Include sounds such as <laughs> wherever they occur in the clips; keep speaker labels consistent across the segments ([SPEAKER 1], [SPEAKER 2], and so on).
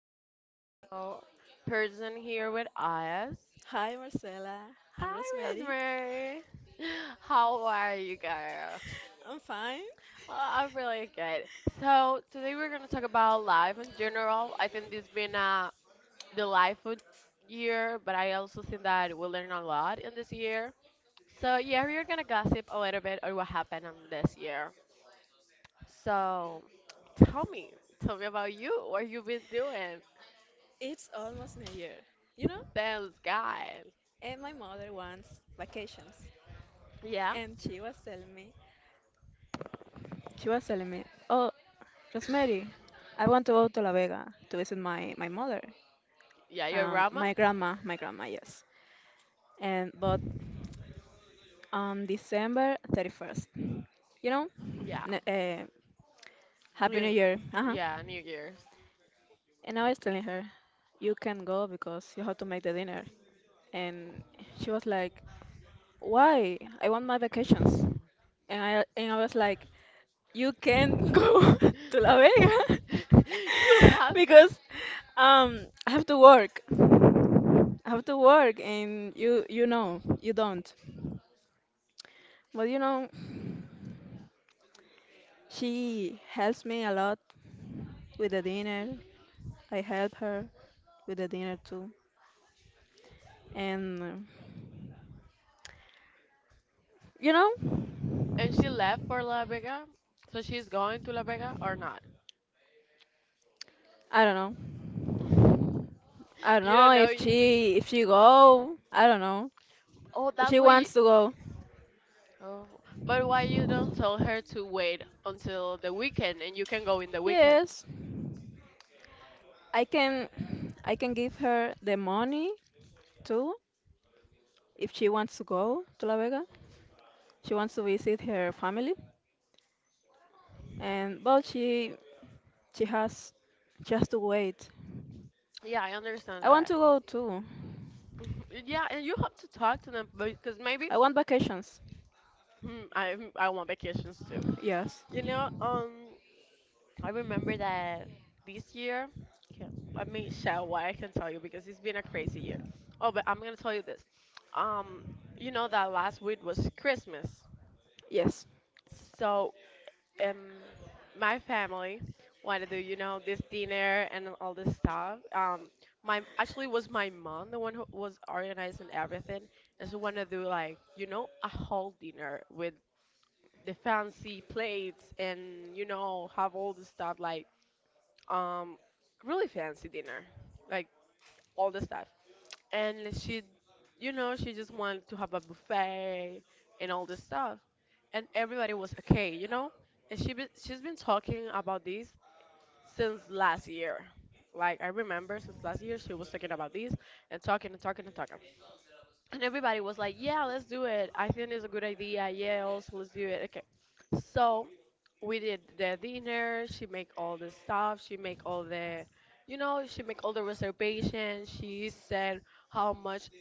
[SPEAKER 1] an special person here with us.
[SPEAKER 2] Hi Marcela, I'm
[SPEAKER 1] Hi,
[SPEAKER 2] Rosemary.
[SPEAKER 1] Rosemary. How are you, girl?
[SPEAKER 2] I'm fine.
[SPEAKER 1] Oh, I'm really good. So, today we're going to talk about life in general. I think this has been a the life year, but I also think that we learned a lot in this year. So, yeah, we're going to gossip a little bit on what happened this year. So, tell me, tell me about you. What you have been doing?
[SPEAKER 2] It's almost New Year, you know?
[SPEAKER 1] Thanks God.
[SPEAKER 2] And my mother wants vacations.
[SPEAKER 1] Yeah,
[SPEAKER 2] And she was telling me, "Oh, Rosemary, I want to go to La Vega to visit my mother,
[SPEAKER 1] yeah, your grandma.
[SPEAKER 2] my grandma, yes. And but on December 31st, you know,
[SPEAKER 1] Yeah,
[SPEAKER 2] n- uh, Happy New
[SPEAKER 1] New,
[SPEAKER 2] Year. Uh-huh.
[SPEAKER 1] yeah, New Year's.
[SPEAKER 2] And I was telling her, you can go because you have to make the dinner. And she was like, "Why? I want my vacations."
[SPEAKER 1] <laughs>
[SPEAKER 2] And I was like, "You can't <laughs> go to La Vega
[SPEAKER 1] you have,
[SPEAKER 2] <laughs> because I have to work. I have to work, and you know you don't. But you know she helps me a lot with the dinner. I help her with the dinner too, and you know
[SPEAKER 1] and she left for La Vega. So she's going to La Vega or not?
[SPEAKER 2] I don't know.
[SPEAKER 1] <laughs>
[SPEAKER 2] I don't
[SPEAKER 1] you don't
[SPEAKER 2] know
[SPEAKER 1] know.
[SPEAKER 2] if she if she go. I don't know.
[SPEAKER 1] Oh,
[SPEAKER 2] But
[SPEAKER 1] that's
[SPEAKER 2] she
[SPEAKER 1] why.
[SPEAKER 2] wants to go.
[SPEAKER 1] Oh, but why you don't tell her to wait until the weekend and you can go in the weekend?
[SPEAKER 2] Yes, I can I can give her the money too if she wants to go to La Vega. She wants to visit her family and but she has she has to wait.
[SPEAKER 1] Yeah, I understand
[SPEAKER 2] I want
[SPEAKER 1] that.
[SPEAKER 2] to go too.
[SPEAKER 1] <laughs> yeah, and you have to talk to them because maybe
[SPEAKER 2] I want vacations.
[SPEAKER 1] I want vacations too.
[SPEAKER 2] Yes.
[SPEAKER 1] You know, um, I remember that this year. Okay, let me share why I can tell you because it's been a crazy year. Oh, but I'm gonna tell you this. Um, you know that last week was Christmas,
[SPEAKER 2] Yes.
[SPEAKER 1] so um, my family wanted to do, this dinner and all this stuff. My Actually, it was my mom the one who was organizing everything, and she wanted to do like, a whole dinner with the fancy plates and have all the stuff like um, really fancy dinner, like all the stuff, and she you know she just wanted to have a buffet and all this stuff, and everybody was okay, you know. And she's been talking about this since last year. Like, I remember since last year she was talking about this and talking and talking and talking, and everybody was like, yeah, let's do it. I think it's a good idea. Yeah, also, let's do it. Okay. So we did the dinner. She make all the stuff. She make all the, you know, she make all the reservations. She said how much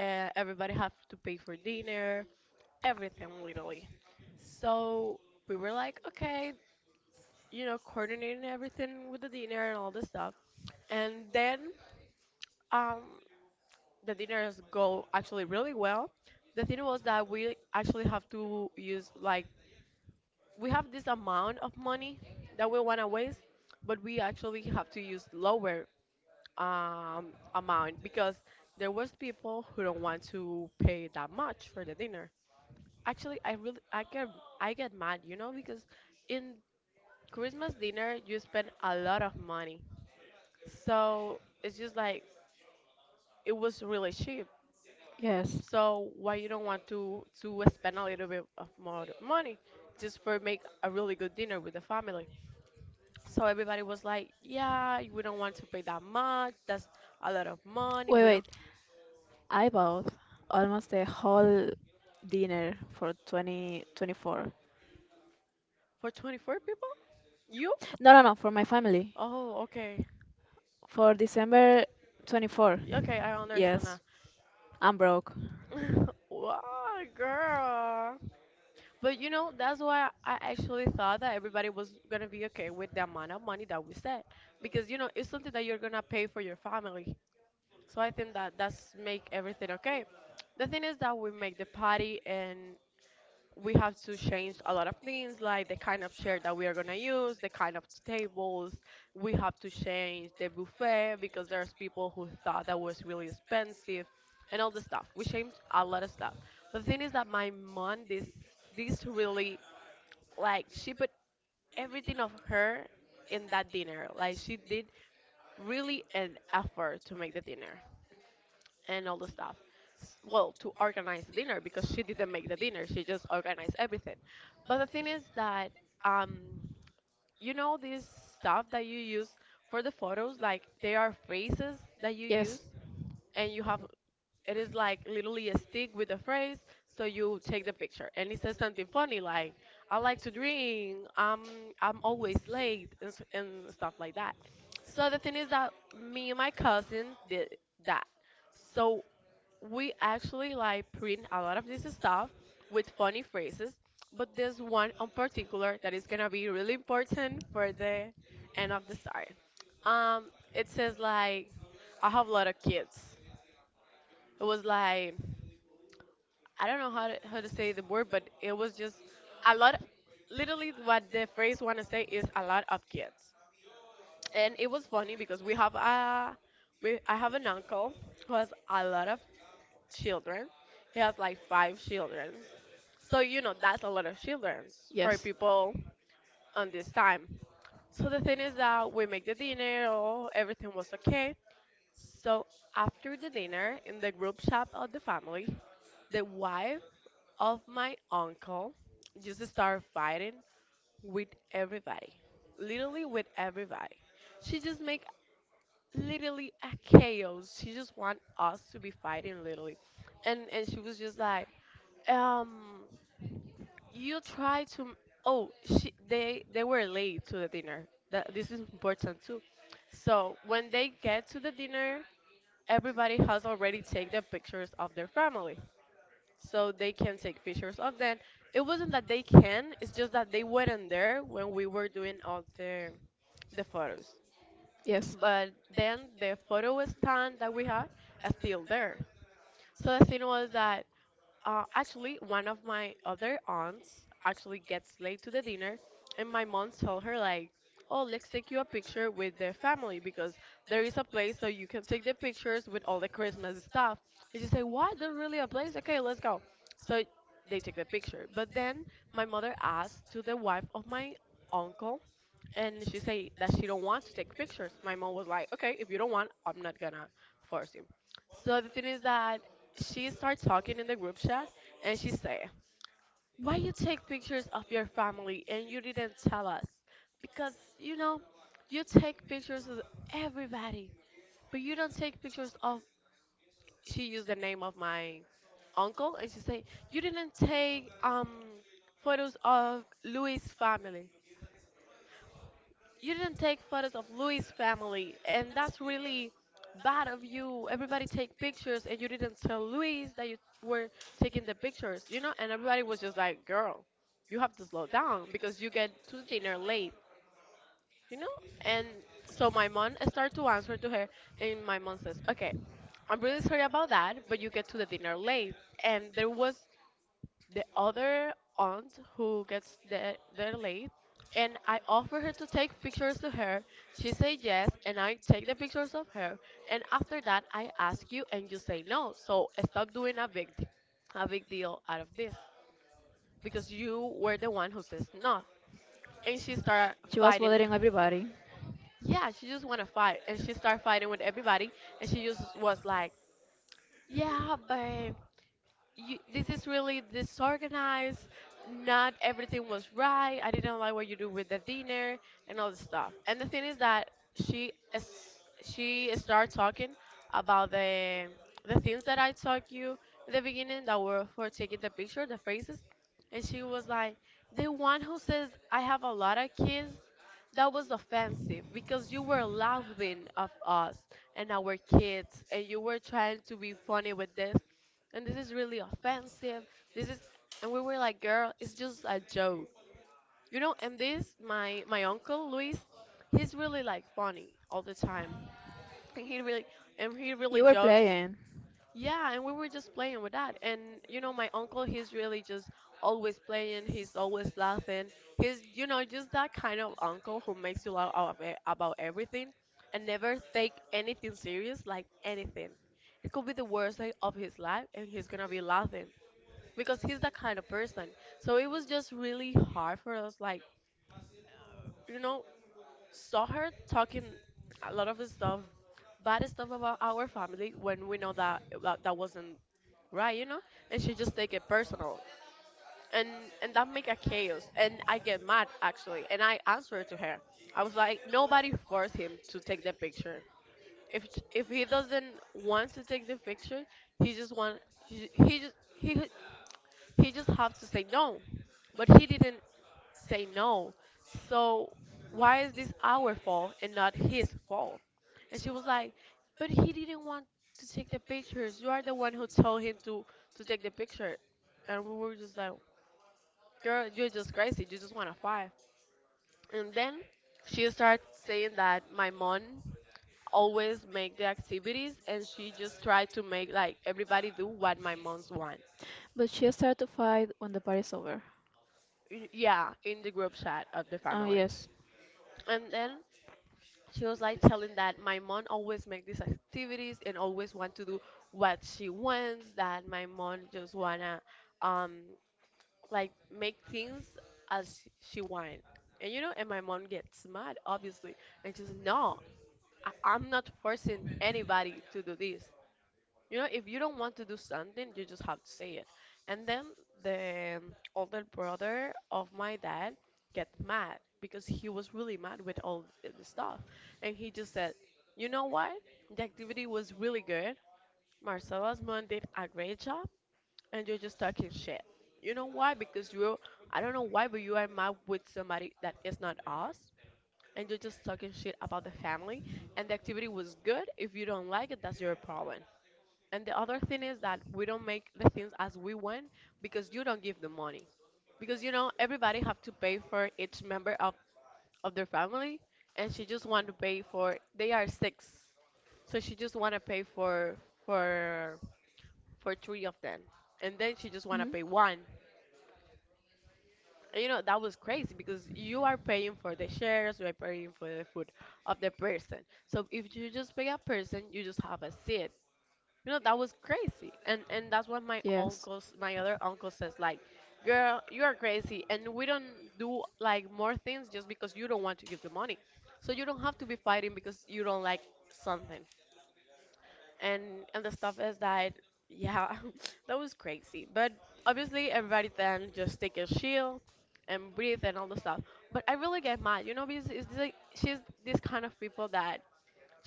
[SPEAKER 1] everybody have to pay for dinner, everything literally. So we were like, okay, you know, coordinating everything with the dinner and all this stuff. And then um, the dinners go actually really well. The thing was that we actually have to use like we have this amount of money that we want to waste, but we actually have to use lower um, amount, because there was people who don't want to pay that much for the dinner. Actually, I get mad, you know, because in Christmas dinner you spend a lot of money. So it's just like it was really cheap.
[SPEAKER 2] Yes.
[SPEAKER 1] So why you don't want to spend a little bit of more money just for make a really good dinner with the family? So everybody was like, "Yeah, we don't want to pay that much. That's a lot of money.
[SPEAKER 2] Wait,
[SPEAKER 1] We
[SPEAKER 2] wait.
[SPEAKER 1] don't"
[SPEAKER 2] I bought almost the whole dinner for 2024.
[SPEAKER 1] For 24 people? You?
[SPEAKER 2] No, no, no, for my family.
[SPEAKER 1] Oh, okay.
[SPEAKER 2] For December 24th.
[SPEAKER 1] Okay, I understand
[SPEAKER 2] Yes.
[SPEAKER 1] now.
[SPEAKER 2] I'm broke.
[SPEAKER 1] <laughs> wow, girl. But you know, that's why I actually thought that everybody was gonna be okay with the amount of money that we said, because you know it's something that you're gonna pay for your family. So I think that that's make everything okay. The thing is that we make the party, and we have to change a lot of things, like the kind of chair that we are gonna use, the kind of tables. We have to change the buffet because there's people who thought that was really expensive, and all the stuff. We changed a lot of stuff. The thing is that my mom, this really, like, she put everything of her in that dinner. Like, she did really an effort to make the dinner and all the stuff. Well, to organize the dinner, because she didn't make the dinner. She just organized everything. But the thing is that um you know this stuff that you use for the photos, like, they are phrases that you
[SPEAKER 2] Yes.
[SPEAKER 1] use and you have. It is like literally a stick with a phrase, so you take the picture and it says something funny like, I like to drink, I'm always late , and stuff like that. So the thing is that me and my cousin did that. So we actually like print a lot of this stuff with funny phrases, but there's one in particular that is gonna be really important for the end of the story. um it says like, I have a lot of kids. It was like, I don't know how to say the word, but it was just a lot. Literally, what the phrase want to say is a lot of kids, and it was funny because we have a we I have an uncle who has a lot of children. He has like five children, so you know that's a lot of children for
[SPEAKER 2] Yes.
[SPEAKER 1] people on this time. So the thing is that we make the dinner, oh, everything was okay. So after the dinner, in the group chat of the family, the wife of my uncle just start fighting with everybody. Literally with everybody. She just make literally a chaos. She just want us to be fighting literally. And she was just like, um, you try to oh, she they were late to the dinner. That this is important too. So when they get to the dinner, everybody has already taken the pictures of their family so they can take pictures of them. It wasn't that they can, it's just that they weren't there when we were doing all the photos.
[SPEAKER 2] Yes.
[SPEAKER 1] But then the photo stand that we had is still there. So the thing was that actually, one of my other aunts actually gets late to the dinner, and my mom told her like, "Oh, let's take you a picture with the family because there is a place so you can take the pictures with all the Christmas stuff." And she said, "What? There's really a place? Okay, let's go." So they take the picture. But then my mother asked to the wife of my uncle, and she said that she don't want to take pictures. My mom was like, "Okay, if you don't want, I'm not gonna force you." So the thing is that she started talking in the group chat, and she said, "Why you take pictures of your family and you didn't tell us? Because you know, you take pictures of everybody, but you don't take pictures of—" She used the name of my uncle and she said, "You didn't take photos of Louis' family. You didn't take photos of Louis' family, and that's really bad of you. Everybody take pictures, and you didn't tell Louis that you were taking the pictures, you know?" And everybody was just like, girl, you have to slow down because you get to dinner late, you know? And so my mom started to answer to her, and my mom says, okay, I'm really sorry about that, but you get to the dinner late. And there was the other aunt who gets there late, and I offer her to take pictures to her. She say yes and I take the pictures of her, and after that I ask you and you say no. So stop doing a big deal out of this, because you were the one who says no. And she start
[SPEAKER 2] She was
[SPEAKER 1] fighting.
[SPEAKER 2] bothering everybody.
[SPEAKER 1] Yeah, she just want to fight, and she start fighting with everybody, and she just was like, yeah, but you, this is really disorganized. Not everything was right. I didn't like what you do with the dinner and all this stuff. And the thing is that she is, she started talking about the things that I taught you in the beginning that were for taking the picture, the phrases. And she was like, the one who says I have a lot of kids, that was offensive because you were laughing of us and our kids, and you were trying to be funny with this, and this is really offensive. This is— And we were like, girl, it's just a joke, you know? And this, my uncle Luis, he's really like funny all the time, and he really
[SPEAKER 2] You were
[SPEAKER 1] jokes.
[SPEAKER 2] playing,
[SPEAKER 1] Yeah, and we were just playing with that. And, you know, my uncle, he's really just always playing. He's always laughing. He's, you know, just that kind of uncle who makes you laugh out of about everything and never take anything serious, like anything. It could be the worst day of his life, and he's gonna be laughing because he's that kind of person. So it was just really hard for us, like, you know, saw her talking a lot of stuff, bad stuff about our family when we know that, wasn't right, you know, and she just take it personal, and and that make a chaos, and I get mad actually, and I answered to her. I was like, nobody forced him to take the picture. If if he doesn't want to take the picture, he just want he, he just he he just have to say no, but he didn't say no. So why is this our fault and not his fault? And she was like, but he didn't want to take the pictures. You are the one who told him to take the picture. And we were just like, girl, you're just crazy. You just want to fight. And then she started saying that my mom always make the activities and she just tried to make like everybody do what my mom's want.
[SPEAKER 2] but she started to fight when the party's over.
[SPEAKER 1] Yeah, in the group chat of the
[SPEAKER 2] Ah,
[SPEAKER 1] family.
[SPEAKER 2] yes.
[SPEAKER 1] And then she was like telling that my mom always make these activities and always want to do what she wants, that my mom just wanna um like make things as she want. And you know, and my mom gets mad obviously and she's no, I'm not forcing anybody to do this. You know, if you don't want to do something, you just have to say it. And then the older brother of my dad get mad because he was really mad with all the stuff. And he just said, "You know what? The activity was really good. Marcela's mom did a great job, and you're just talking shit. You know why? Because you, I don't know why, but you are mad with somebody that is not us." And you're just talking shit about the family, and the activity was good. If you don't like it, that's your problem. And the other thing is that we don't make the things as we want because you don't give the money. Because you know everybody have to pay for each member of their family, and she just want to pay for they are six. So she just want to pay for for three of them. And then she just want to
[SPEAKER 2] Mhm.
[SPEAKER 1] pay one. And you know that was crazy because you are paying for the shares, you are paying for the food of the person. So if you just pay a person, you just have a seat. You know, that was crazy. And that's what
[SPEAKER 2] Yes.
[SPEAKER 1] my other uncle says, like, girl, you are crazy and we don't do like more things just because you don't want to give the money. So you don't have to be fighting because you don't like something. And and the stuff is that yeah, <laughs> that was crazy. But obviously everybody then just take a shield and breathe and all the stuff. But I really get mad, you know, because it's like she's this kind of people that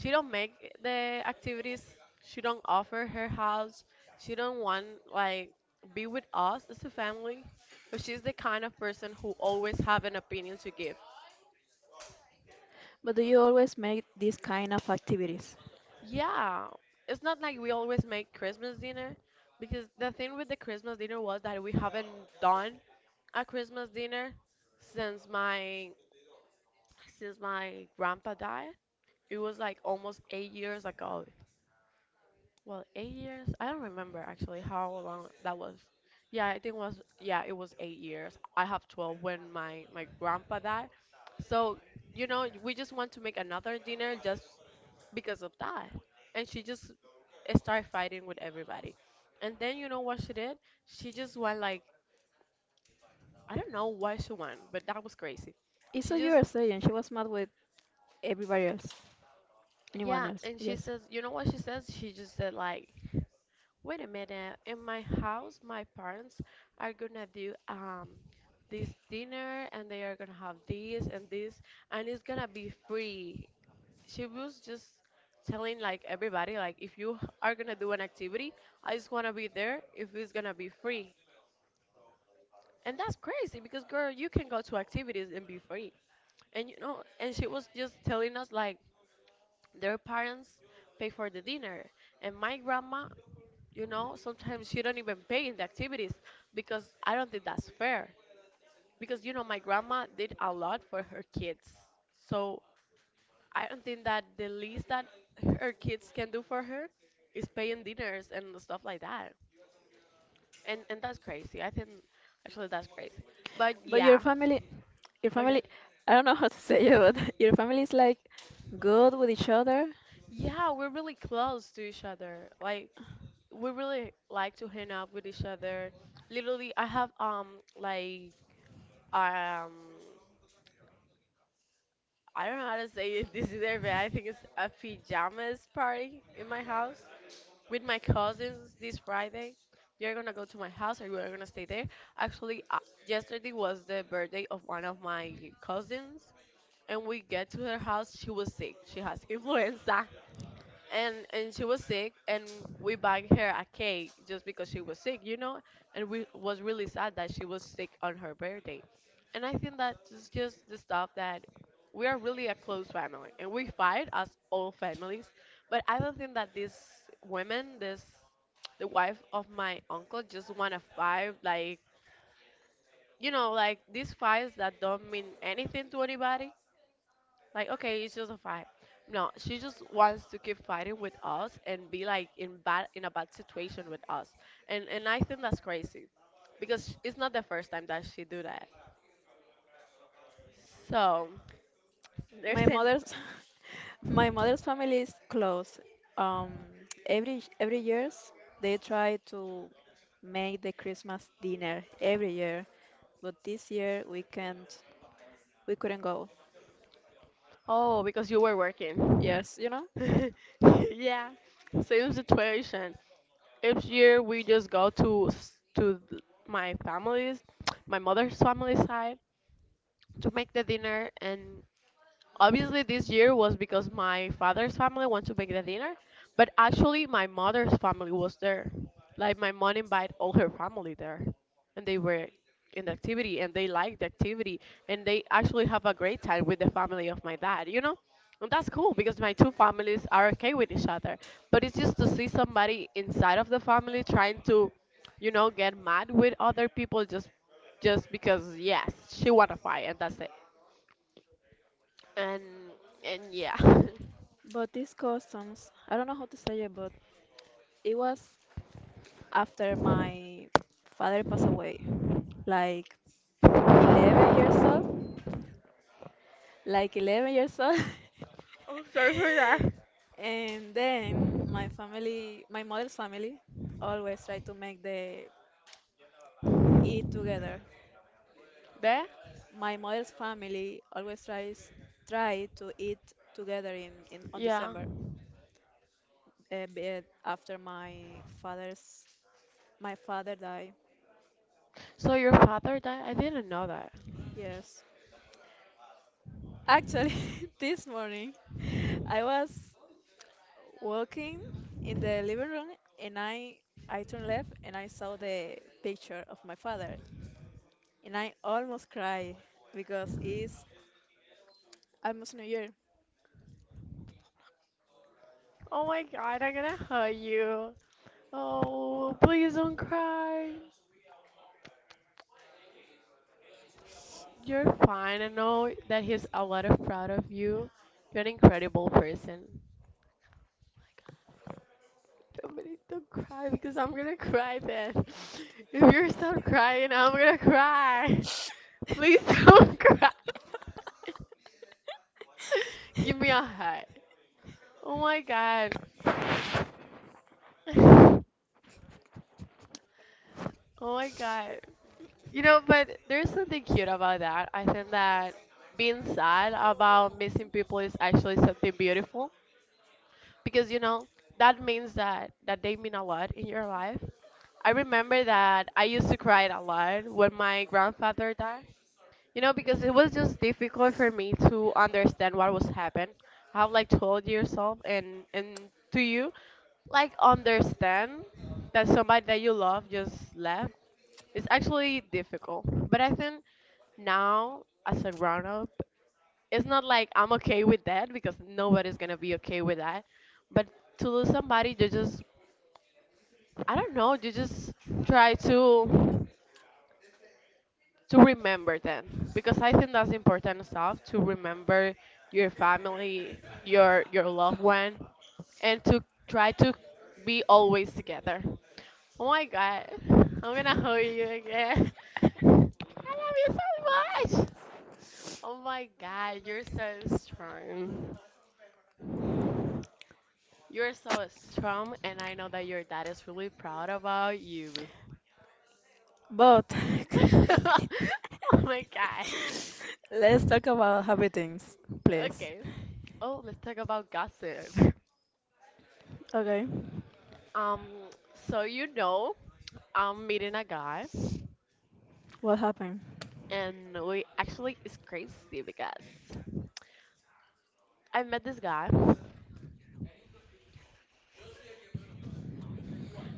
[SPEAKER 1] she don't make the activities, she don't offer her house, she don't want, like, be with us as a family, but she's the kind of person who always have an opinion to give.
[SPEAKER 2] But do you always make these kind of activities?
[SPEAKER 1] Yeah, it's not like we always make Christmas dinner, because the thing with the Christmas dinner was that we haven't done a Christmas dinner since my since my grandpa died. It was like almost 8 years ago. Well, 8 years? I don't remember actually how long that was. Yeah, I think it was, yeah, it was 8 years. I have 12 when my grandpa died. So you know, we just want to make another dinner just because of that. And she just started fighting with everybody. And then you know what she did? She just went like, I don't know why she went, but that was crazy.
[SPEAKER 2] It's
[SPEAKER 1] She
[SPEAKER 2] what you
[SPEAKER 1] just
[SPEAKER 2] were saying. She was mad with everybody else, anyone
[SPEAKER 1] Yeah,
[SPEAKER 2] else.
[SPEAKER 1] and she
[SPEAKER 2] Yes.
[SPEAKER 1] says, you know what she says? She just said like, wait a minute. In my house, my parents are gonna do this dinner, and they are gonna have this and this, and it's gonna be free. She was just telling like everybody like, if you are gonna do an activity, I just wanna be there if it's gonna be free. And that's crazy because, girl, you can go to activities and be free. And you know, and she was just telling us like their parents pay for the dinner and my grandma. You know, sometimes you don't even pay in the activities because I don't think that's fair. Because, you know, my grandma did a lot for her kids. So I don't think that the least that her kids can do for her is paying dinners and stuff like that. And that's crazy. I think actually that's crazy. But
[SPEAKER 2] But your
[SPEAKER 1] yeah.
[SPEAKER 2] family, your
[SPEAKER 1] Okay.
[SPEAKER 2] family, I don't know how to <laughs> say it, but <laughs> your family is like good with each other.
[SPEAKER 1] Yeah, we're really close to each other. Like, we really like to hang out with each other. Literally, I have like um I don't know how to <laughs> this either, but I think it's a pajamas party in my house with my cousins this Friday. They're gonna go to my house or we're gonna stay there. Actually, yesterday was the birthday of one of my cousins, and we get to her house. She was sick. She has <laughs> influenza, and she was sick, and we buy her a cake just because she was sick, you know, and we was really sad that she was sick on her birthday. And I think that is just the stuff that we are really a close family, and we fight as all families, but I don't think that these women this the wife of my uncle just want to fight, like, you know, like these fights that don't mean anything to anybody, like, okay, it's just a fight. No, she just wants to keep fighting with us and be like in bad in a bad situation with us. And I think that's crazy. Because it's not the first time that she do that. So there's
[SPEAKER 2] My
[SPEAKER 1] an.
[SPEAKER 2] mother's <laughs> my mother's family is close. Um, every years they try to make the Christmas dinner every year, but this year we couldn't go.
[SPEAKER 1] Oh, because you were working.
[SPEAKER 2] Yes, you know.
[SPEAKER 1] <laughs> Yeah. Same situation. Each year we just go to my family's, my mother's family side, to make the dinner. And obviously, this year was because my father's family went to make the dinner, but actually, my mother's family was there. Like, my mom invited all her family there, and they were in the activity, and they liked the activity, and they actually have a great time with the family of my dad, you know? And that's cool because my two families are okay with each other. But it's just to see somebody inside of the family trying to, you know, get mad with other people just because, yes, she wanna fight and that's it. And and yeah. <laughs>
[SPEAKER 2] But these customs, I don't know how to say it, but it was after my father passed away, like 11 years old, like 11 years old. <laughs>
[SPEAKER 1] Oh, sorry for that.
[SPEAKER 2] And then my family, my mother's family, always try to make the eat together.
[SPEAKER 1] There?
[SPEAKER 2] My mother's family always tries try to eat together in on
[SPEAKER 1] Yeah.
[SPEAKER 2] December, a bit after my father died.
[SPEAKER 1] So your father died? I didn't know that.
[SPEAKER 2] Yes, actually, <laughs> this morning I was walking in the living room and I turned left and I saw the picture of my father and I almost cried because it's almost New Year,
[SPEAKER 1] Oh my god, I'm gonna hurt you. Oh, please don't cry. You're fine. I know that he's a lot of proud of you. You're an incredible person. Oh my God, don't cry because I'm gonna cry then. <laughs> If you stop crying, I'm gonna cry. <laughs> Please don't <laughs> cry. <laughs> Give me a hug. Oh my God. <laughs> Oh my god. You know, but there's something cute about that. I think that being sad about missing people is actually something beautiful because, you know, that means that they mean a lot in your life. I remember that I used to cry a lot when my grandfather died, you know, because it was just difficult for me to understand what was happening. I have like 12 years old, and to you, like, understand that somebody that you love just left. It's actually difficult. But I think now, as a grown up, it's not like I'm okay with that, because nobody's gonna be okay with that. But to lose somebody, you just, I don't know, you just try to remember them, because I think that's important stuff, to remember your family, your loved one, and to try to be always together. Oh my god, I'm gonna hug you again. <laughs> I love you so much. Oh my god, you're so strong. You're so strong, and I know that your dad is really proud about you.
[SPEAKER 2] but.
[SPEAKER 1] <laughs> Oh
[SPEAKER 2] <laughs>
[SPEAKER 1] my god.
[SPEAKER 2] Let's talk about happy things, please.
[SPEAKER 1] Okay. Oh, let's talk about gossip. <laughs>
[SPEAKER 2] Okay,
[SPEAKER 1] Um, so you know, I'm meeting a guy,
[SPEAKER 2] what happened?
[SPEAKER 1] and we actually it's crazy because I met this guy.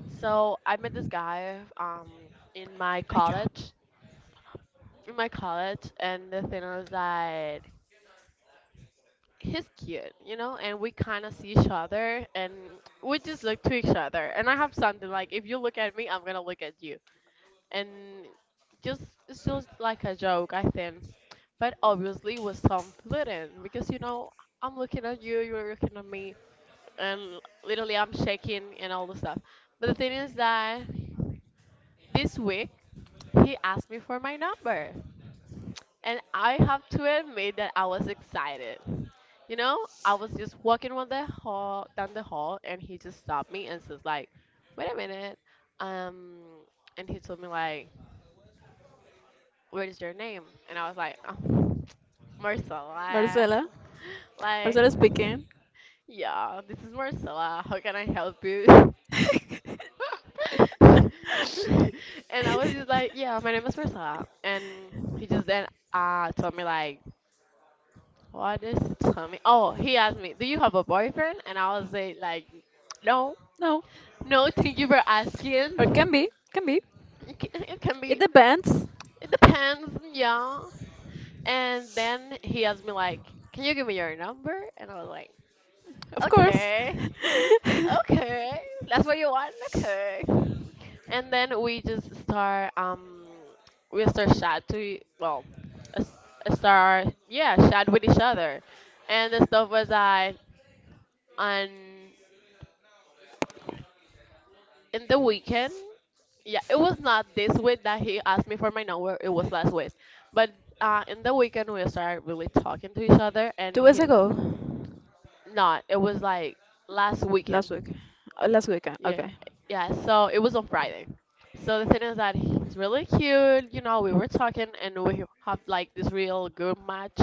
[SPEAKER 1] So I met this guy in my
[SPEAKER 2] My job.
[SPEAKER 1] college, in my college, and the thing was that he's cute, you know, and we kind of see each other, and we just look to each other. And I have something like, if you look at me, I'm gonna look at you. And just, it's just like a joke, I think. But obviously with some flirting because, you know, I'm looking at you, you're looking at me, and literally I'm shaking and all the stuff. But the thing is that this week he asked me for my number, and I have to admit that I was excited. You know, I was just walking on the hall down the hall, and he just stopped me and says like, "Wait a minute," um, and he told me like, what is your name? And I was like, oh, Marcella. <laughs>
[SPEAKER 2] Marcela,
[SPEAKER 1] Like,
[SPEAKER 2] Marcela speaking.
[SPEAKER 1] yeah, this is Marcella. How can I help you? <laughs>
[SPEAKER 2] <laughs>
[SPEAKER 1] And I was just like, yeah, my name is Marcella. And he just then told me like, what is he tell me? Oh, he asked me, do you have a boyfriend? And I was like, no,
[SPEAKER 2] No,
[SPEAKER 1] no, thank you for
[SPEAKER 2] or can
[SPEAKER 1] asking.
[SPEAKER 2] be, can be.
[SPEAKER 1] It can
[SPEAKER 2] It
[SPEAKER 1] be,
[SPEAKER 2] depends,
[SPEAKER 1] it depends, yeah. And then he asked me like, "Can you give me your number?" And I was like,
[SPEAKER 2] of course.
[SPEAKER 1] "Okay,
[SPEAKER 2] <laughs>
[SPEAKER 1] okay, that's what you want, okay." And then we just start we start chat to well s- start, yeah, chat with each other, and the stuff was I on in the weekend. Yeah, it was not this week that he asked me for my number. It was last week, but in the weekend we started really talking to each other, and
[SPEAKER 2] 2 weeks
[SPEAKER 1] he
[SPEAKER 2] ago,
[SPEAKER 1] Not. It was like last
[SPEAKER 2] last week,
[SPEAKER 1] weekend.
[SPEAKER 2] last weekend.
[SPEAKER 1] Yeah.
[SPEAKER 2] Okay.
[SPEAKER 1] Yeah. So it was on Friday. So the thing is that he's really cute. You know, we were talking and we have like this real good match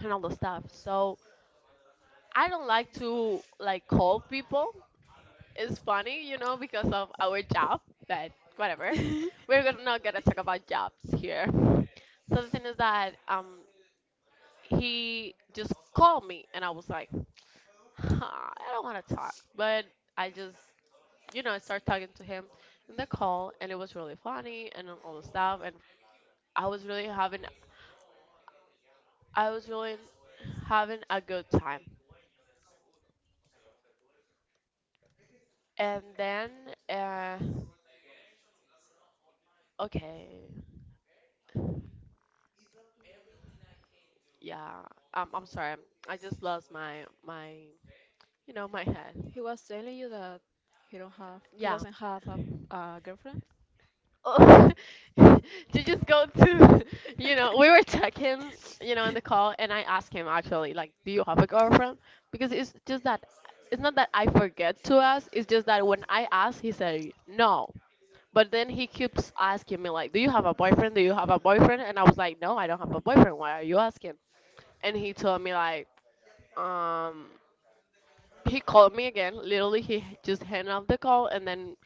[SPEAKER 1] and all the stuff. So I don't like to like call people. It's funny, you know, because of our job, but whatever.
[SPEAKER 2] <laughs> He
[SPEAKER 1] We're gonna, not gonna talk about jobs here. So the thing is that he just called me and I was like, <sighs> <laughs> I don't want to talk, but I just, you know, I started talking to him in the call, and it was really funny and all the stuff, and I was really having, I was really having a good time. And then, uh, okay, yeah, I'm sorry, I just lost my, you know, my head.
[SPEAKER 2] was telling you that he don't have, he
[SPEAKER 1] Yeah,
[SPEAKER 2] doesn't have a girlfriend.
[SPEAKER 1] oh, <laughs> to just go to, <laughs> you know, we were talking, you know, in the call, and I asked him actually, like, do you have a girlfriend? Because it's just that, it's not that I forget to ask, it's just that when I asked, he said no. But then he keeps asking me, like, do you have a boyfriend? Do you have a boyfriend? And I was like, no, I don't have a boyfriend. Why are you asking? And he told me, like, um, he called me again. Literally, he just hung up the call, and then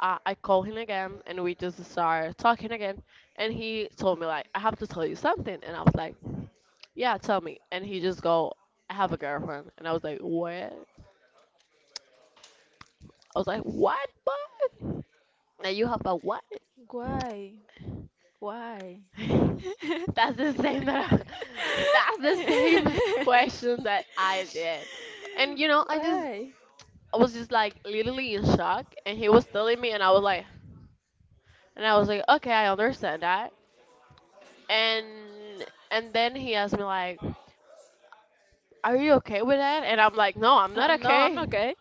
[SPEAKER 1] I called him again and we just start talking again and he told me like, I have to tell you something. And I was like, yeah, tell me. And he just go, I have a girlfriend. And I was like, what? I was like, what, now you have a what?
[SPEAKER 2] <laughs> Why? Why?
[SPEAKER 1] <laughs>
[SPEAKER 2] <laughs>
[SPEAKER 1] that's the same that I, <laughs> That's the same question that I did. And you know, I just
[SPEAKER 2] Why?
[SPEAKER 1] I was just like literally in shock and he was telling me and I was like and I was like, okay, I understand that. and and then he asked me like, are you okay with that? And I'm like, no, I'm not
[SPEAKER 2] No, I'm
[SPEAKER 1] okay.
[SPEAKER 2] not gay.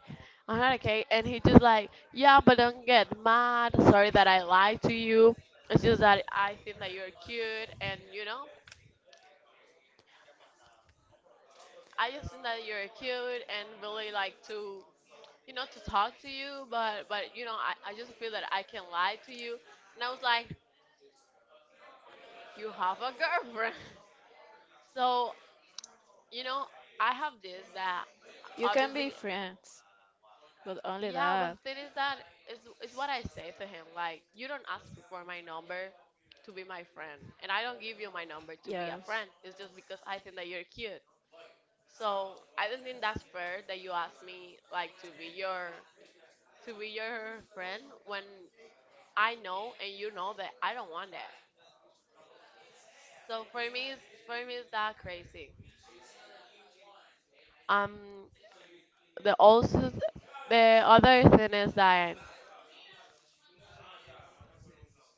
[SPEAKER 1] I'm not okay. And he just like, yeah, but don't get mad. Sorry that I lied to you. It's just that I think that you're cute, and you know, I just think that you're cute and really like to, you know, to talk to you. But you know, I just feel that I can lie to you. And I was like, you have a girlfriend. <laughs> So you know, I have this that
[SPEAKER 2] You can be
[SPEAKER 1] obviously
[SPEAKER 2] friends, but only
[SPEAKER 1] Yeah, but
[SPEAKER 2] that.
[SPEAKER 1] the thing is that is is what I say to him. Like, you don't ask for my number to be my friend, and I don't give you my number to be a
[SPEAKER 2] Yes.
[SPEAKER 1] friend. It's just because I think that you're cute. So I don't think that's fair that you ask me like to be your friend when I know and you know that I don't want that. So for me, it's that crazy. Um, the also the other thing is that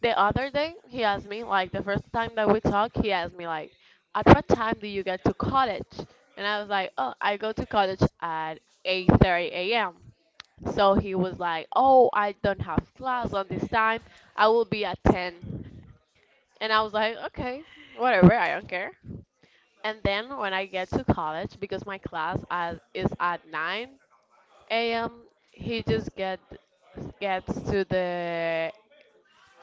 [SPEAKER 1] the other day he asked me like the first time that we talked he asked me like, at what time do you get to college? And I was like, oh, I go to college at 8:30 a.m. So he was like, oh, I don't have class on this time, I will be at 10. And I was like, okay, whatever, I don't care. And then when I get to college, because my class as is at 9 a.m, he just get gets to the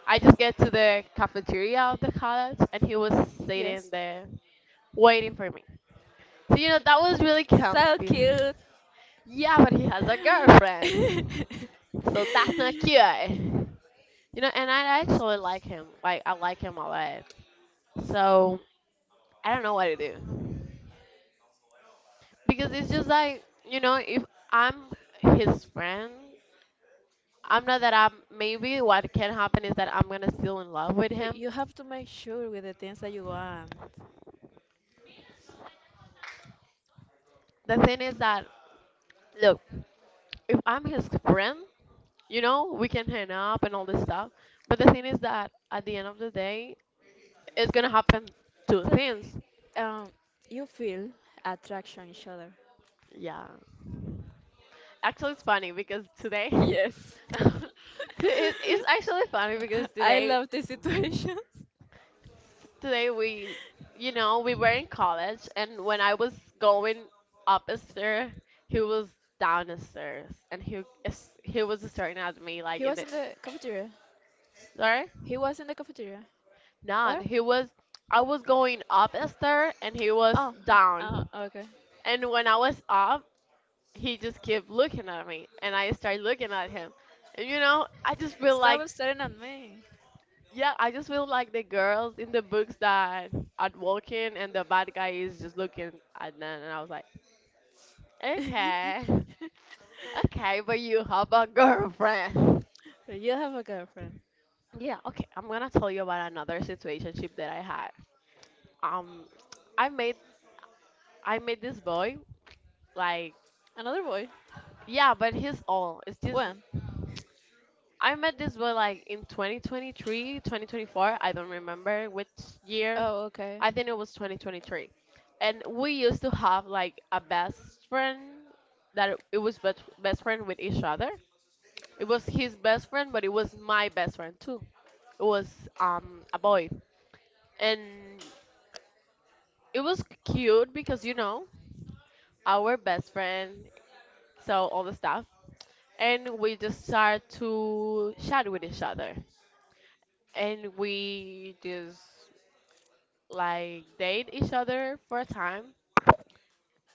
[SPEAKER 1] I just get to the cafeteria of the college, and he was sitting
[SPEAKER 2] Yes.
[SPEAKER 1] there waiting for me. So you know that was really
[SPEAKER 2] So
[SPEAKER 1] comfy.
[SPEAKER 2] cute.
[SPEAKER 1] Yeah, but he has a girlfriend,
[SPEAKER 2] <laughs>
[SPEAKER 1] so that's not cute. You know, and I actually like him. Like I like him a lot. So I don't know what to do because it's just like you know if I'm his friend, I'm not that I'm. Maybe what can happen is that I'm gonna still in love with
[SPEAKER 2] But
[SPEAKER 1] him.
[SPEAKER 2] you have to make sure with the things that you want
[SPEAKER 1] The thing is that look. If I'm his friend, you know, we can hang up and all this stuff. But the thing is that at the end of the day, it's gonna happen two
[SPEAKER 2] that
[SPEAKER 1] things.
[SPEAKER 2] um you feel attraction each other.
[SPEAKER 1] Yeah. Actually, it's funny because today,
[SPEAKER 2] Yes.
[SPEAKER 1] <laughs> It's actually funny because
[SPEAKER 2] <laughs> I
[SPEAKER 1] today,
[SPEAKER 2] love this situation.
[SPEAKER 1] today we, you know, we were in college, and when I was going up a stair, he was down the stairs, and he was staring at me like
[SPEAKER 2] He
[SPEAKER 1] in
[SPEAKER 2] was
[SPEAKER 1] the
[SPEAKER 2] in the cafeteria.
[SPEAKER 1] sorry.
[SPEAKER 2] He was in the cafeteria.
[SPEAKER 1] Not.
[SPEAKER 2] Where?
[SPEAKER 1] He was. I was going up a stair and he was
[SPEAKER 2] Oh, oh,
[SPEAKER 1] down.
[SPEAKER 2] okay.
[SPEAKER 1] And when I was up, he just kept looking at me, and I started looking at him. And you know, I just feel like,
[SPEAKER 2] Stop staring at me.
[SPEAKER 1] yeah, I just feel like the girls in the books that are walking and the bad guy is just looking at them. And I was like, okay,
[SPEAKER 2] <laughs>
[SPEAKER 1] <laughs> okay, but you have a girlfriend.
[SPEAKER 2] You have a girlfriend.
[SPEAKER 1] Yeah, okay. I'm gonna tell you about another situationship that I had. Um, I made I met this boy like
[SPEAKER 2] Another boy?
[SPEAKER 1] Yeah, but his all. It's just
[SPEAKER 2] When?
[SPEAKER 1] I met this boy like in 2023, 2024. I don't remember which year.
[SPEAKER 2] Oh, okay.
[SPEAKER 1] I think it was 2023. And we used to have like a best friend that it was best friend with each other. It was his best friend, but it was my best friend too. It was a boy. And it was cute because you know, our best friend so all the stuff. And we just start to chat with each other and we just like date each other for a time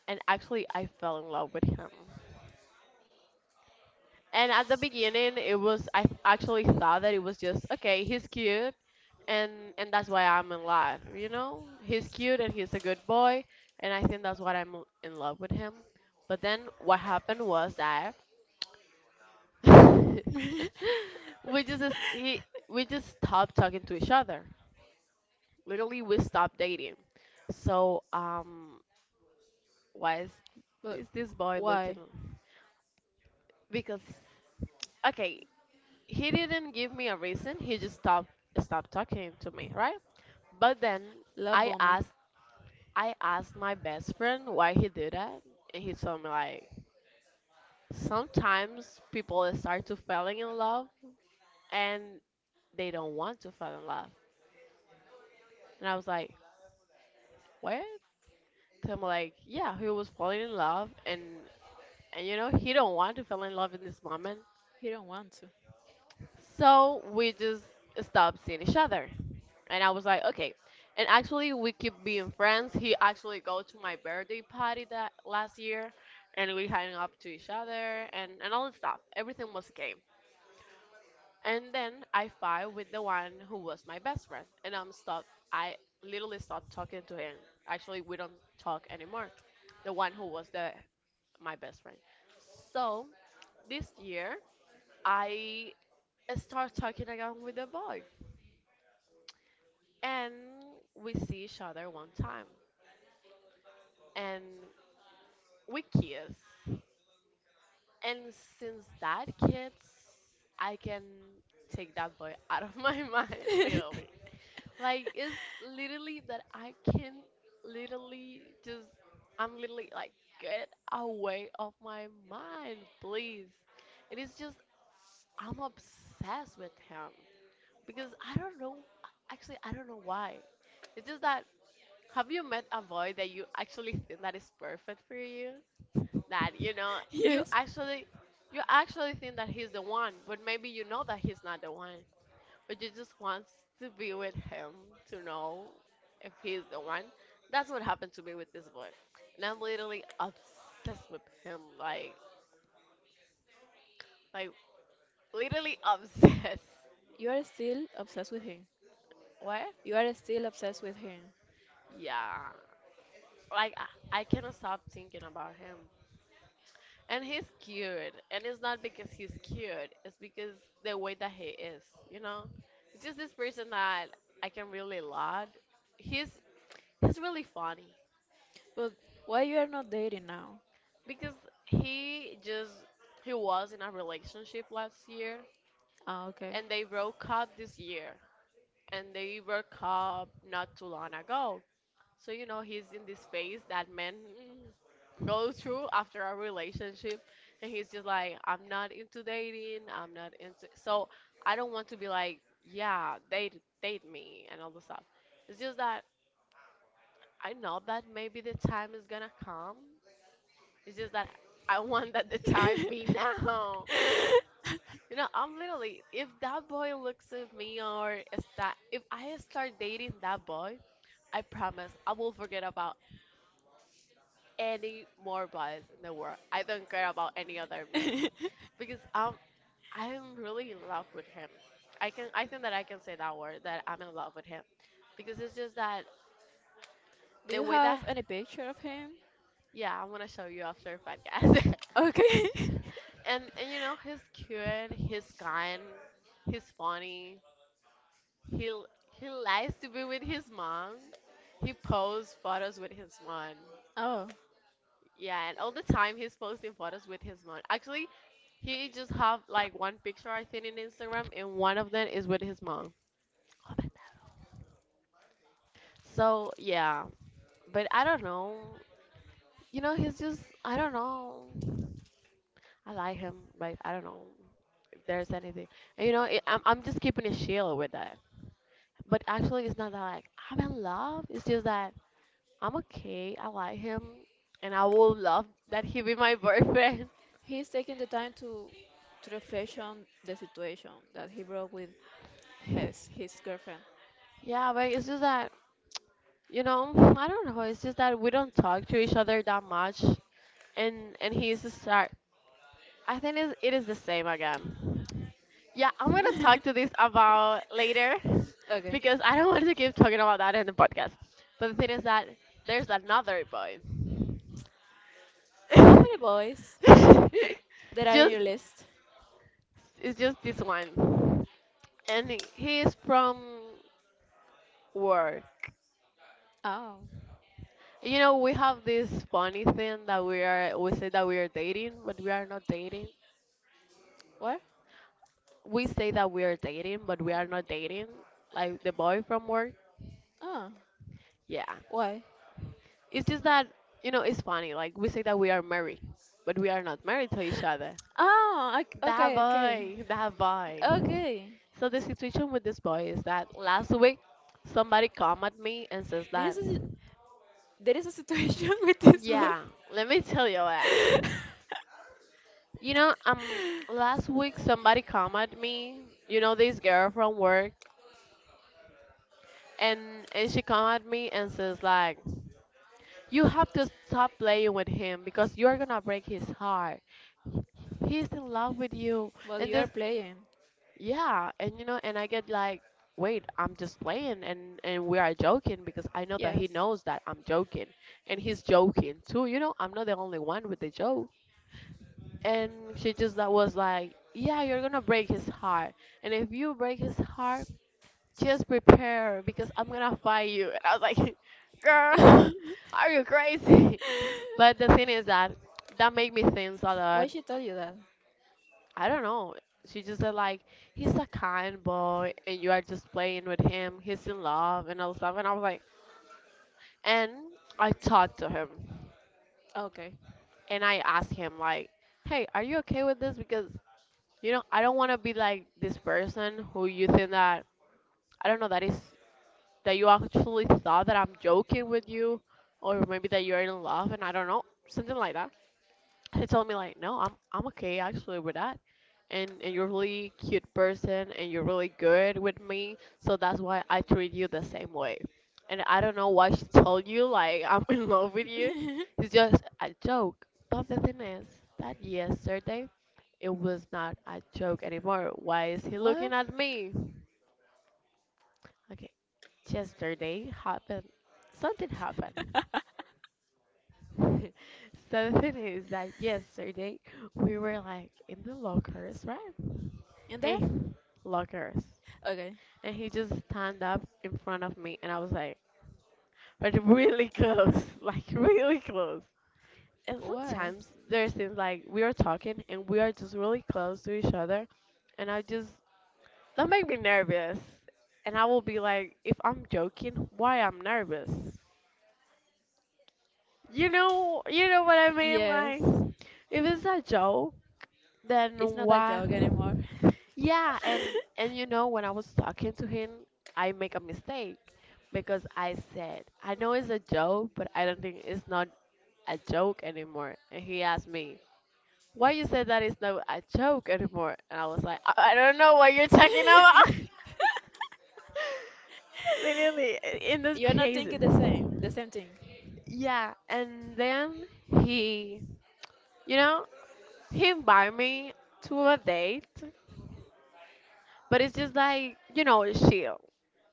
[SPEAKER 1] and actually I fell in love with him. And at the beginning it was actually thought that it was just okay, he's cute. and and that's why I'm in love, you know, he's cute and he's a good boy, and I think that's why I'm in love with him. But then what happened was that <laughs>
[SPEAKER 2] <laughs>
[SPEAKER 1] he, we just stopped talking to each other. Literally, we stopped dating. So why
[SPEAKER 2] But
[SPEAKER 1] is this boy looking?
[SPEAKER 2] why?
[SPEAKER 1] Because okay, he didn't give me a reason. He just stopped talking to me, right? But then
[SPEAKER 2] Love
[SPEAKER 1] I
[SPEAKER 2] bombing.
[SPEAKER 1] asked I asked my best friend why he did that, and he told me like, sometimes people start to falling in love and they don't want to fall in love. And I was like, what? I'm like, yeah, he was falling in love, and you know he don't want to fall in love in this moment.
[SPEAKER 2] He don't want to.
[SPEAKER 1] So we just stopped seeing each other, and I was like, okay. And actually, we keep being friends. He actually go to my birthday party that last year, and we hang up to each other and all the stuff. Everything was okay. And then I fight with the one who was my best friend, and I'm stop. I literally stopped talking to him. Actually, we don't talk anymore. The one who was the my best friend. So this year, I start talking again with the boy, and we see each other one time, and we kiss. And since that kiss, I can take that boy out of my <laughs> mind, literally.
[SPEAKER 2] <laughs>
[SPEAKER 1] Like it's literally that I can literally just I'm literally like, get away of my mind, please. And it's just I'm obsessed with him because I don't know actually I don't know why. It's just that have you met a boy that you actually think that is perfect for you? That you know you
[SPEAKER 2] Yes.
[SPEAKER 1] actually you actually think that he's the one, but maybe you know that he's not the one or you just wants to be with him to know if he's the one. That's what happened to me with this boy, and I'm literally obsessed with him. Like, literally obsessed. <laughs>
[SPEAKER 2] You are still obsessed with him.
[SPEAKER 1] What?
[SPEAKER 2] You are still obsessed with him.
[SPEAKER 1] Yeah. Like I cannot stop thinking about him. And he's cute, and it's not because he's cute. It's because the way that he is. You know, it's just this person that I can really love. He's he's really funny.
[SPEAKER 2] But why you are not dating now?
[SPEAKER 1] Because he just he was in a relationship last year,
[SPEAKER 2] Oh, okay.
[SPEAKER 1] and they broke up this year, and they broke up not too long ago. So you know he's in this phase that men go through after a relationship, and he's just like, I'm not into dating, I'm not into so I don't want to be like, yeah, date me and all the stuff. It's just that I know that maybe the time is gonna come. It's just that I <laughs> want that the time be now. You know, I'm literally, if that boy looks at me or is that, if I start dating that boy, I promise I will forget about any more boys in the world. I don't care about any other man
[SPEAKER 2] <laughs>
[SPEAKER 1] because I'm really in love with him. I can, I think that I can say that word that I'm in love with him because it's just that
[SPEAKER 2] Do
[SPEAKER 1] the
[SPEAKER 2] you
[SPEAKER 1] way that,
[SPEAKER 2] have any picture of him?
[SPEAKER 1] yeah, I'm gonna show you after podcast. <laughs>
[SPEAKER 2] Okay. <laughs>
[SPEAKER 1] And you know, he's cute, he's kind, he's funny. He l- he likes to be with his mom. He posts photos with his mom.
[SPEAKER 2] Oh,
[SPEAKER 1] Yeah, and all the time he's posting photos with his mom. Actually, he just have like one picture I think in Instagram, and one of them is with his mom. So yeah, but I don't know. You know, he's just I don't know. I like him, but I don't know if there's anything. And, you know, it, I'm just keeping it chill with that. But actually, it's not that like I'm in love. It's just that I'm okay. I like him, and I would love that he be my boyfriend. <laughs>
[SPEAKER 2] he's taking the time to reflect on the situation that he broke with his girlfriend.
[SPEAKER 1] Yeah, but it's just that, you know, <sniffs> I don't know. It's just that we don't talk to each other that much, and he's a star. I think it's, it is the same again. Yeah, I'm gonna talk to this about later
[SPEAKER 2] <laughs>
[SPEAKER 1] <laughs>
[SPEAKER 2] Okay.
[SPEAKER 1] because I don't want to keep talking about that in the podcast. But the thing is that there's another boy.
[SPEAKER 2] How many
[SPEAKER 1] <laughs>
[SPEAKER 2] boys there are in
[SPEAKER 1] Just
[SPEAKER 2] your list?
[SPEAKER 1] it's just this one, and he is from work.
[SPEAKER 2] Oh,
[SPEAKER 1] You know, we have this funny thing that we are, we say that we are dating, but we are not dating.
[SPEAKER 2] what?
[SPEAKER 1] We say that we are dating, but we are not dating. Like the boy from work.
[SPEAKER 2] Oh,
[SPEAKER 1] Yeah.
[SPEAKER 2] why?
[SPEAKER 1] It's just that, you know, it's funny. Like we say that we are married, but we are not married to each other.
[SPEAKER 2] Oh,
[SPEAKER 1] That
[SPEAKER 2] okay, okay,
[SPEAKER 1] boy, that boy.
[SPEAKER 2] okay.
[SPEAKER 1] So the situation with this boy is that last week somebody come at me and says
[SPEAKER 2] There is
[SPEAKER 1] that,
[SPEAKER 2] a si- there is a situation <laughs> with this boy,
[SPEAKER 1] yeah, let me tell you that. You know,
[SPEAKER 2] <laughs>
[SPEAKER 1] last week somebody come at me. You know, this girl from work, and she come at me and says like, "You have to stop playing with him because you're gonna break his heart. He's in love with you."
[SPEAKER 2] but
[SPEAKER 1] And
[SPEAKER 2] you are
[SPEAKER 1] this,
[SPEAKER 2] playing.
[SPEAKER 1] yeah, and you know, and I get like, "Wait, I'm just playing, and we are joking because I know that
[SPEAKER 2] Yes.
[SPEAKER 1] he knows that I'm joking, and he's joking too. You know, I'm not the only one with the joke." And she just that was like, yeah, you're gonna break his heart, and if you break his heart, just prepare because I'm gonna fight you. And I was like, <laughs> girl,
[SPEAKER 2] <laughs>
[SPEAKER 1] are you crazy? <laughs> But the thing is that that made me think a
[SPEAKER 2] Why
[SPEAKER 1] lot.
[SPEAKER 2] she told you that?
[SPEAKER 1] I don't know, she just said like, he's a kind boy and you are just playing with him, he's in love and all stuff. And I was like, and I talked to him,
[SPEAKER 2] Okay.
[SPEAKER 1] and I asked him like, hey, are you okay with this? Because you know, I don't want to be like this person who you think that I don't know that is that you actually thought that I'm joking with you, or maybe that you're in love, and I don't know, something like that. He told me like, no, I'm okay actually with that, and you're really cute person, and you're really good with me, so that's why I treat you the same way. And I don't know why she told you like I'm <laughs> in love with you.
[SPEAKER 2] <laughs>
[SPEAKER 1] It's just a joke. But the thing is that yesterday it was not a joke anymore. Why is he
[SPEAKER 2] What?
[SPEAKER 1] looking at me? Okay, yesterday happened something happened. <laughs> So the thing is that yesterday we were like in the lockers, right?
[SPEAKER 2] In there?
[SPEAKER 1] Hey, lockers.
[SPEAKER 2] Okay.
[SPEAKER 1] And he just stand up in front of me and I was like, but really close, <laughs> like really close. And
[SPEAKER 2] Why?
[SPEAKER 1] sometimes there's things like we are talking and we are just really close to each other, and I just that make me nervous. And I will be like, if I'm joking, why I'm nervous? You know what I mean? Like,
[SPEAKER 2] Yes.
[SPEAKER 1] if it's a joke, then
[SPEAKER 2] It's not a
[SPEAKER 1] what?
[SPEAKER 2] joke anymore. <laughs>
[SPEAKER 1] Yeah, and you know when I was talking to him, I make a mistake because I said I know it's a joke, but I don't think it's not a joke anymore. And he asked me, "Why you said that it's not a joke anymore?" And I was like, I don't know what you're talking about." <laughs> Literally, in this
[SPEAKER 2] You're not
[SPEAKER 1] crazy.
[SPEAKER 2] thinking the same thing.
[SPEAKER 1] Yeah, and then he, you know, he invited me to a date. But it's just like, you know, chill.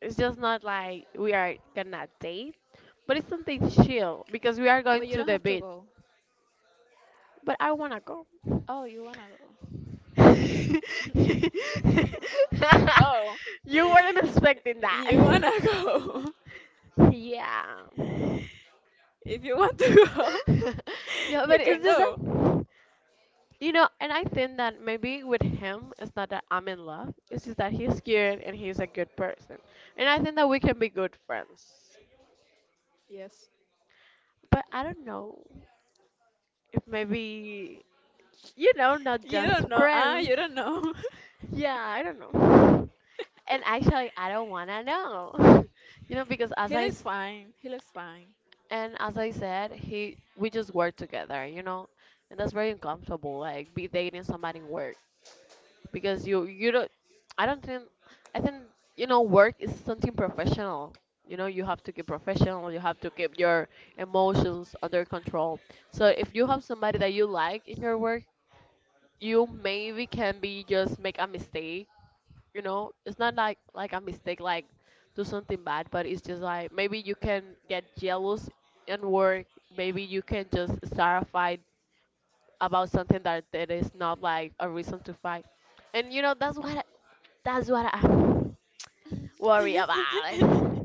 [SPEAKER 1] It's just not like we are gonna date, but it's something chill because we are
[SPEAKER 2] But
[SPEAKER 1] going
[SPEAKER 2] you
[SPEAKER 1] to
[SPEAKER 2] don't
[SPEAKER 1] the
[SPEAKER 2] have to
[SPEAKER 1] beach.
[SPEAKER 2] go.
[SPEAKER 1] But I wanna go.
[SPEAKER 2] Oh, you wanna go. Oh. <laughs>
[SPEAKER 1] <laughs> You weren't expecting
[SPEAKER 2] You
[SPEAKER 1] that.
[SPEAKER 2] wanna go.
[SPEAKER 1] Yeah.
[SPEAKER 2] <laughs> If you want to go,
[SPEAKER 1] <laughs> Yeah,
[SPEAKER 2] <laughs> you
[SPEAKER 1] but
[SPEAKER 2] can
[SPEAKER 1] it's just
[SPEAKER 2] go.
[SPEAKER 1] that, you know, and I think that maybe with him, it's not that I'm in love, it's just that he's cute and he's a good person. And I think that we can be good friends.
[SPEAKER 2] Yes.
[SPEAKER 1] But I don't know, if maybe, you know, not
[SPEAKER 2] You
[SPEAKER 1] just
[SPEAKER 2] don't know. Ah,
[SPEAKER 1] friends.
[SPEAKER 2] you don't know.
[SPEAKER 1] Yeah, I don't know. And
[SPEAKER 2] <laughs>
[SPEAKER 1] actually I don't want to know. <laughs> You know, because
[SPEAKER 2] He looks fine. He looks fine.
[SPEAKER 1] and as I said, he we just work together, you know, and that's very uncomfortable like be dating somebody in work because you don't, I don't think, I think, you know, work is something professional. You know, you have to keep professional, you have to keep your emotions under control. So if you have somebody that you like in your work, you maybe can be just make a mistake. You know, it's not like a mistake like do something bad, but it's just like maybe you can get jealous and work, maybe you can just start a fight about something that that is not like a reason to fight. And you know, that's what I, that's what I <laughs> worry about.
[SPEAKER 2] <laughs>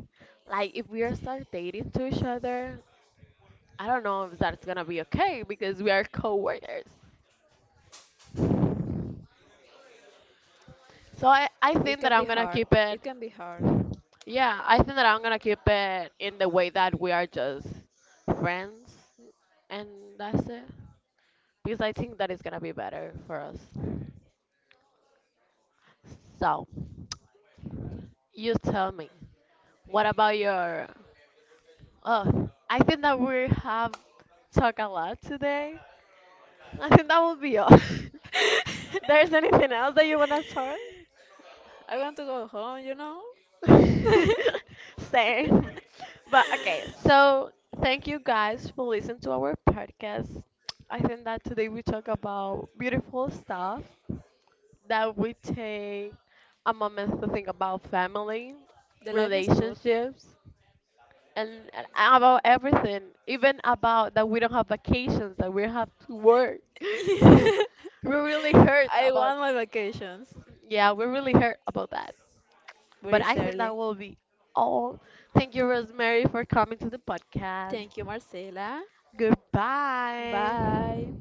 [SPEAKER 1] Like if we are start dating to each other, I don't know if that's gonna be okay because we are coworkers. So I
[SPEAKER 2] It
[SPEAKER 1] think that
[SPEAKER 2] can be
[SPEAKER 1] I'm gonna
[SPEAKER 2] hard.
[SPEAKER 1] keep it.
[SPEAKER 2] It can be hard.
[SPEAKER 1] Yeah, I think that I'm gonna keep it in the way that we are just friends, and that's it. Because I think that is gonna be better for us. So, you tell me, what about your? Oh, I think that we have talked a lot today. I think that will be all. <laughs>
[SPEAKER 2] <laughs>
[SPEAKER 1] There's anything else that you wanna talk?
[SPEAKER 2] I want to go home, you know? <laughs>
[SPEAKER 1] <laughs> Same. But okay, so thank you guys for listening to our podcast. I think that today we talk about beautiful stuff, that we take a moment to think about family,
[SPEAKER 2] The life is good.
[SPEAKER 1] relationships, and about everything, even about that we don't have vacations, that we have to work. <laughs> We
[SPEAKER 2] <laughs>
[SPEAKER 1] really hurt
[SPEAKER 2] I
[SPEAKER 1] about
[SPEAKER 2] want my vacations.
[SPEAKER 1] yeah, we really hurt about that. But
[SPEAKER 2] Very
[SPEAKER 1] I think that
[SPEAKER 2] early.
[SPEAKER 1] will be all. Thank you, Rosemary, for coming to the podcast.
[SPEAKER 2] Thank you, Marcela.
[SPEAKER 1] Goodbye.
[SPEAKER 2] Bye.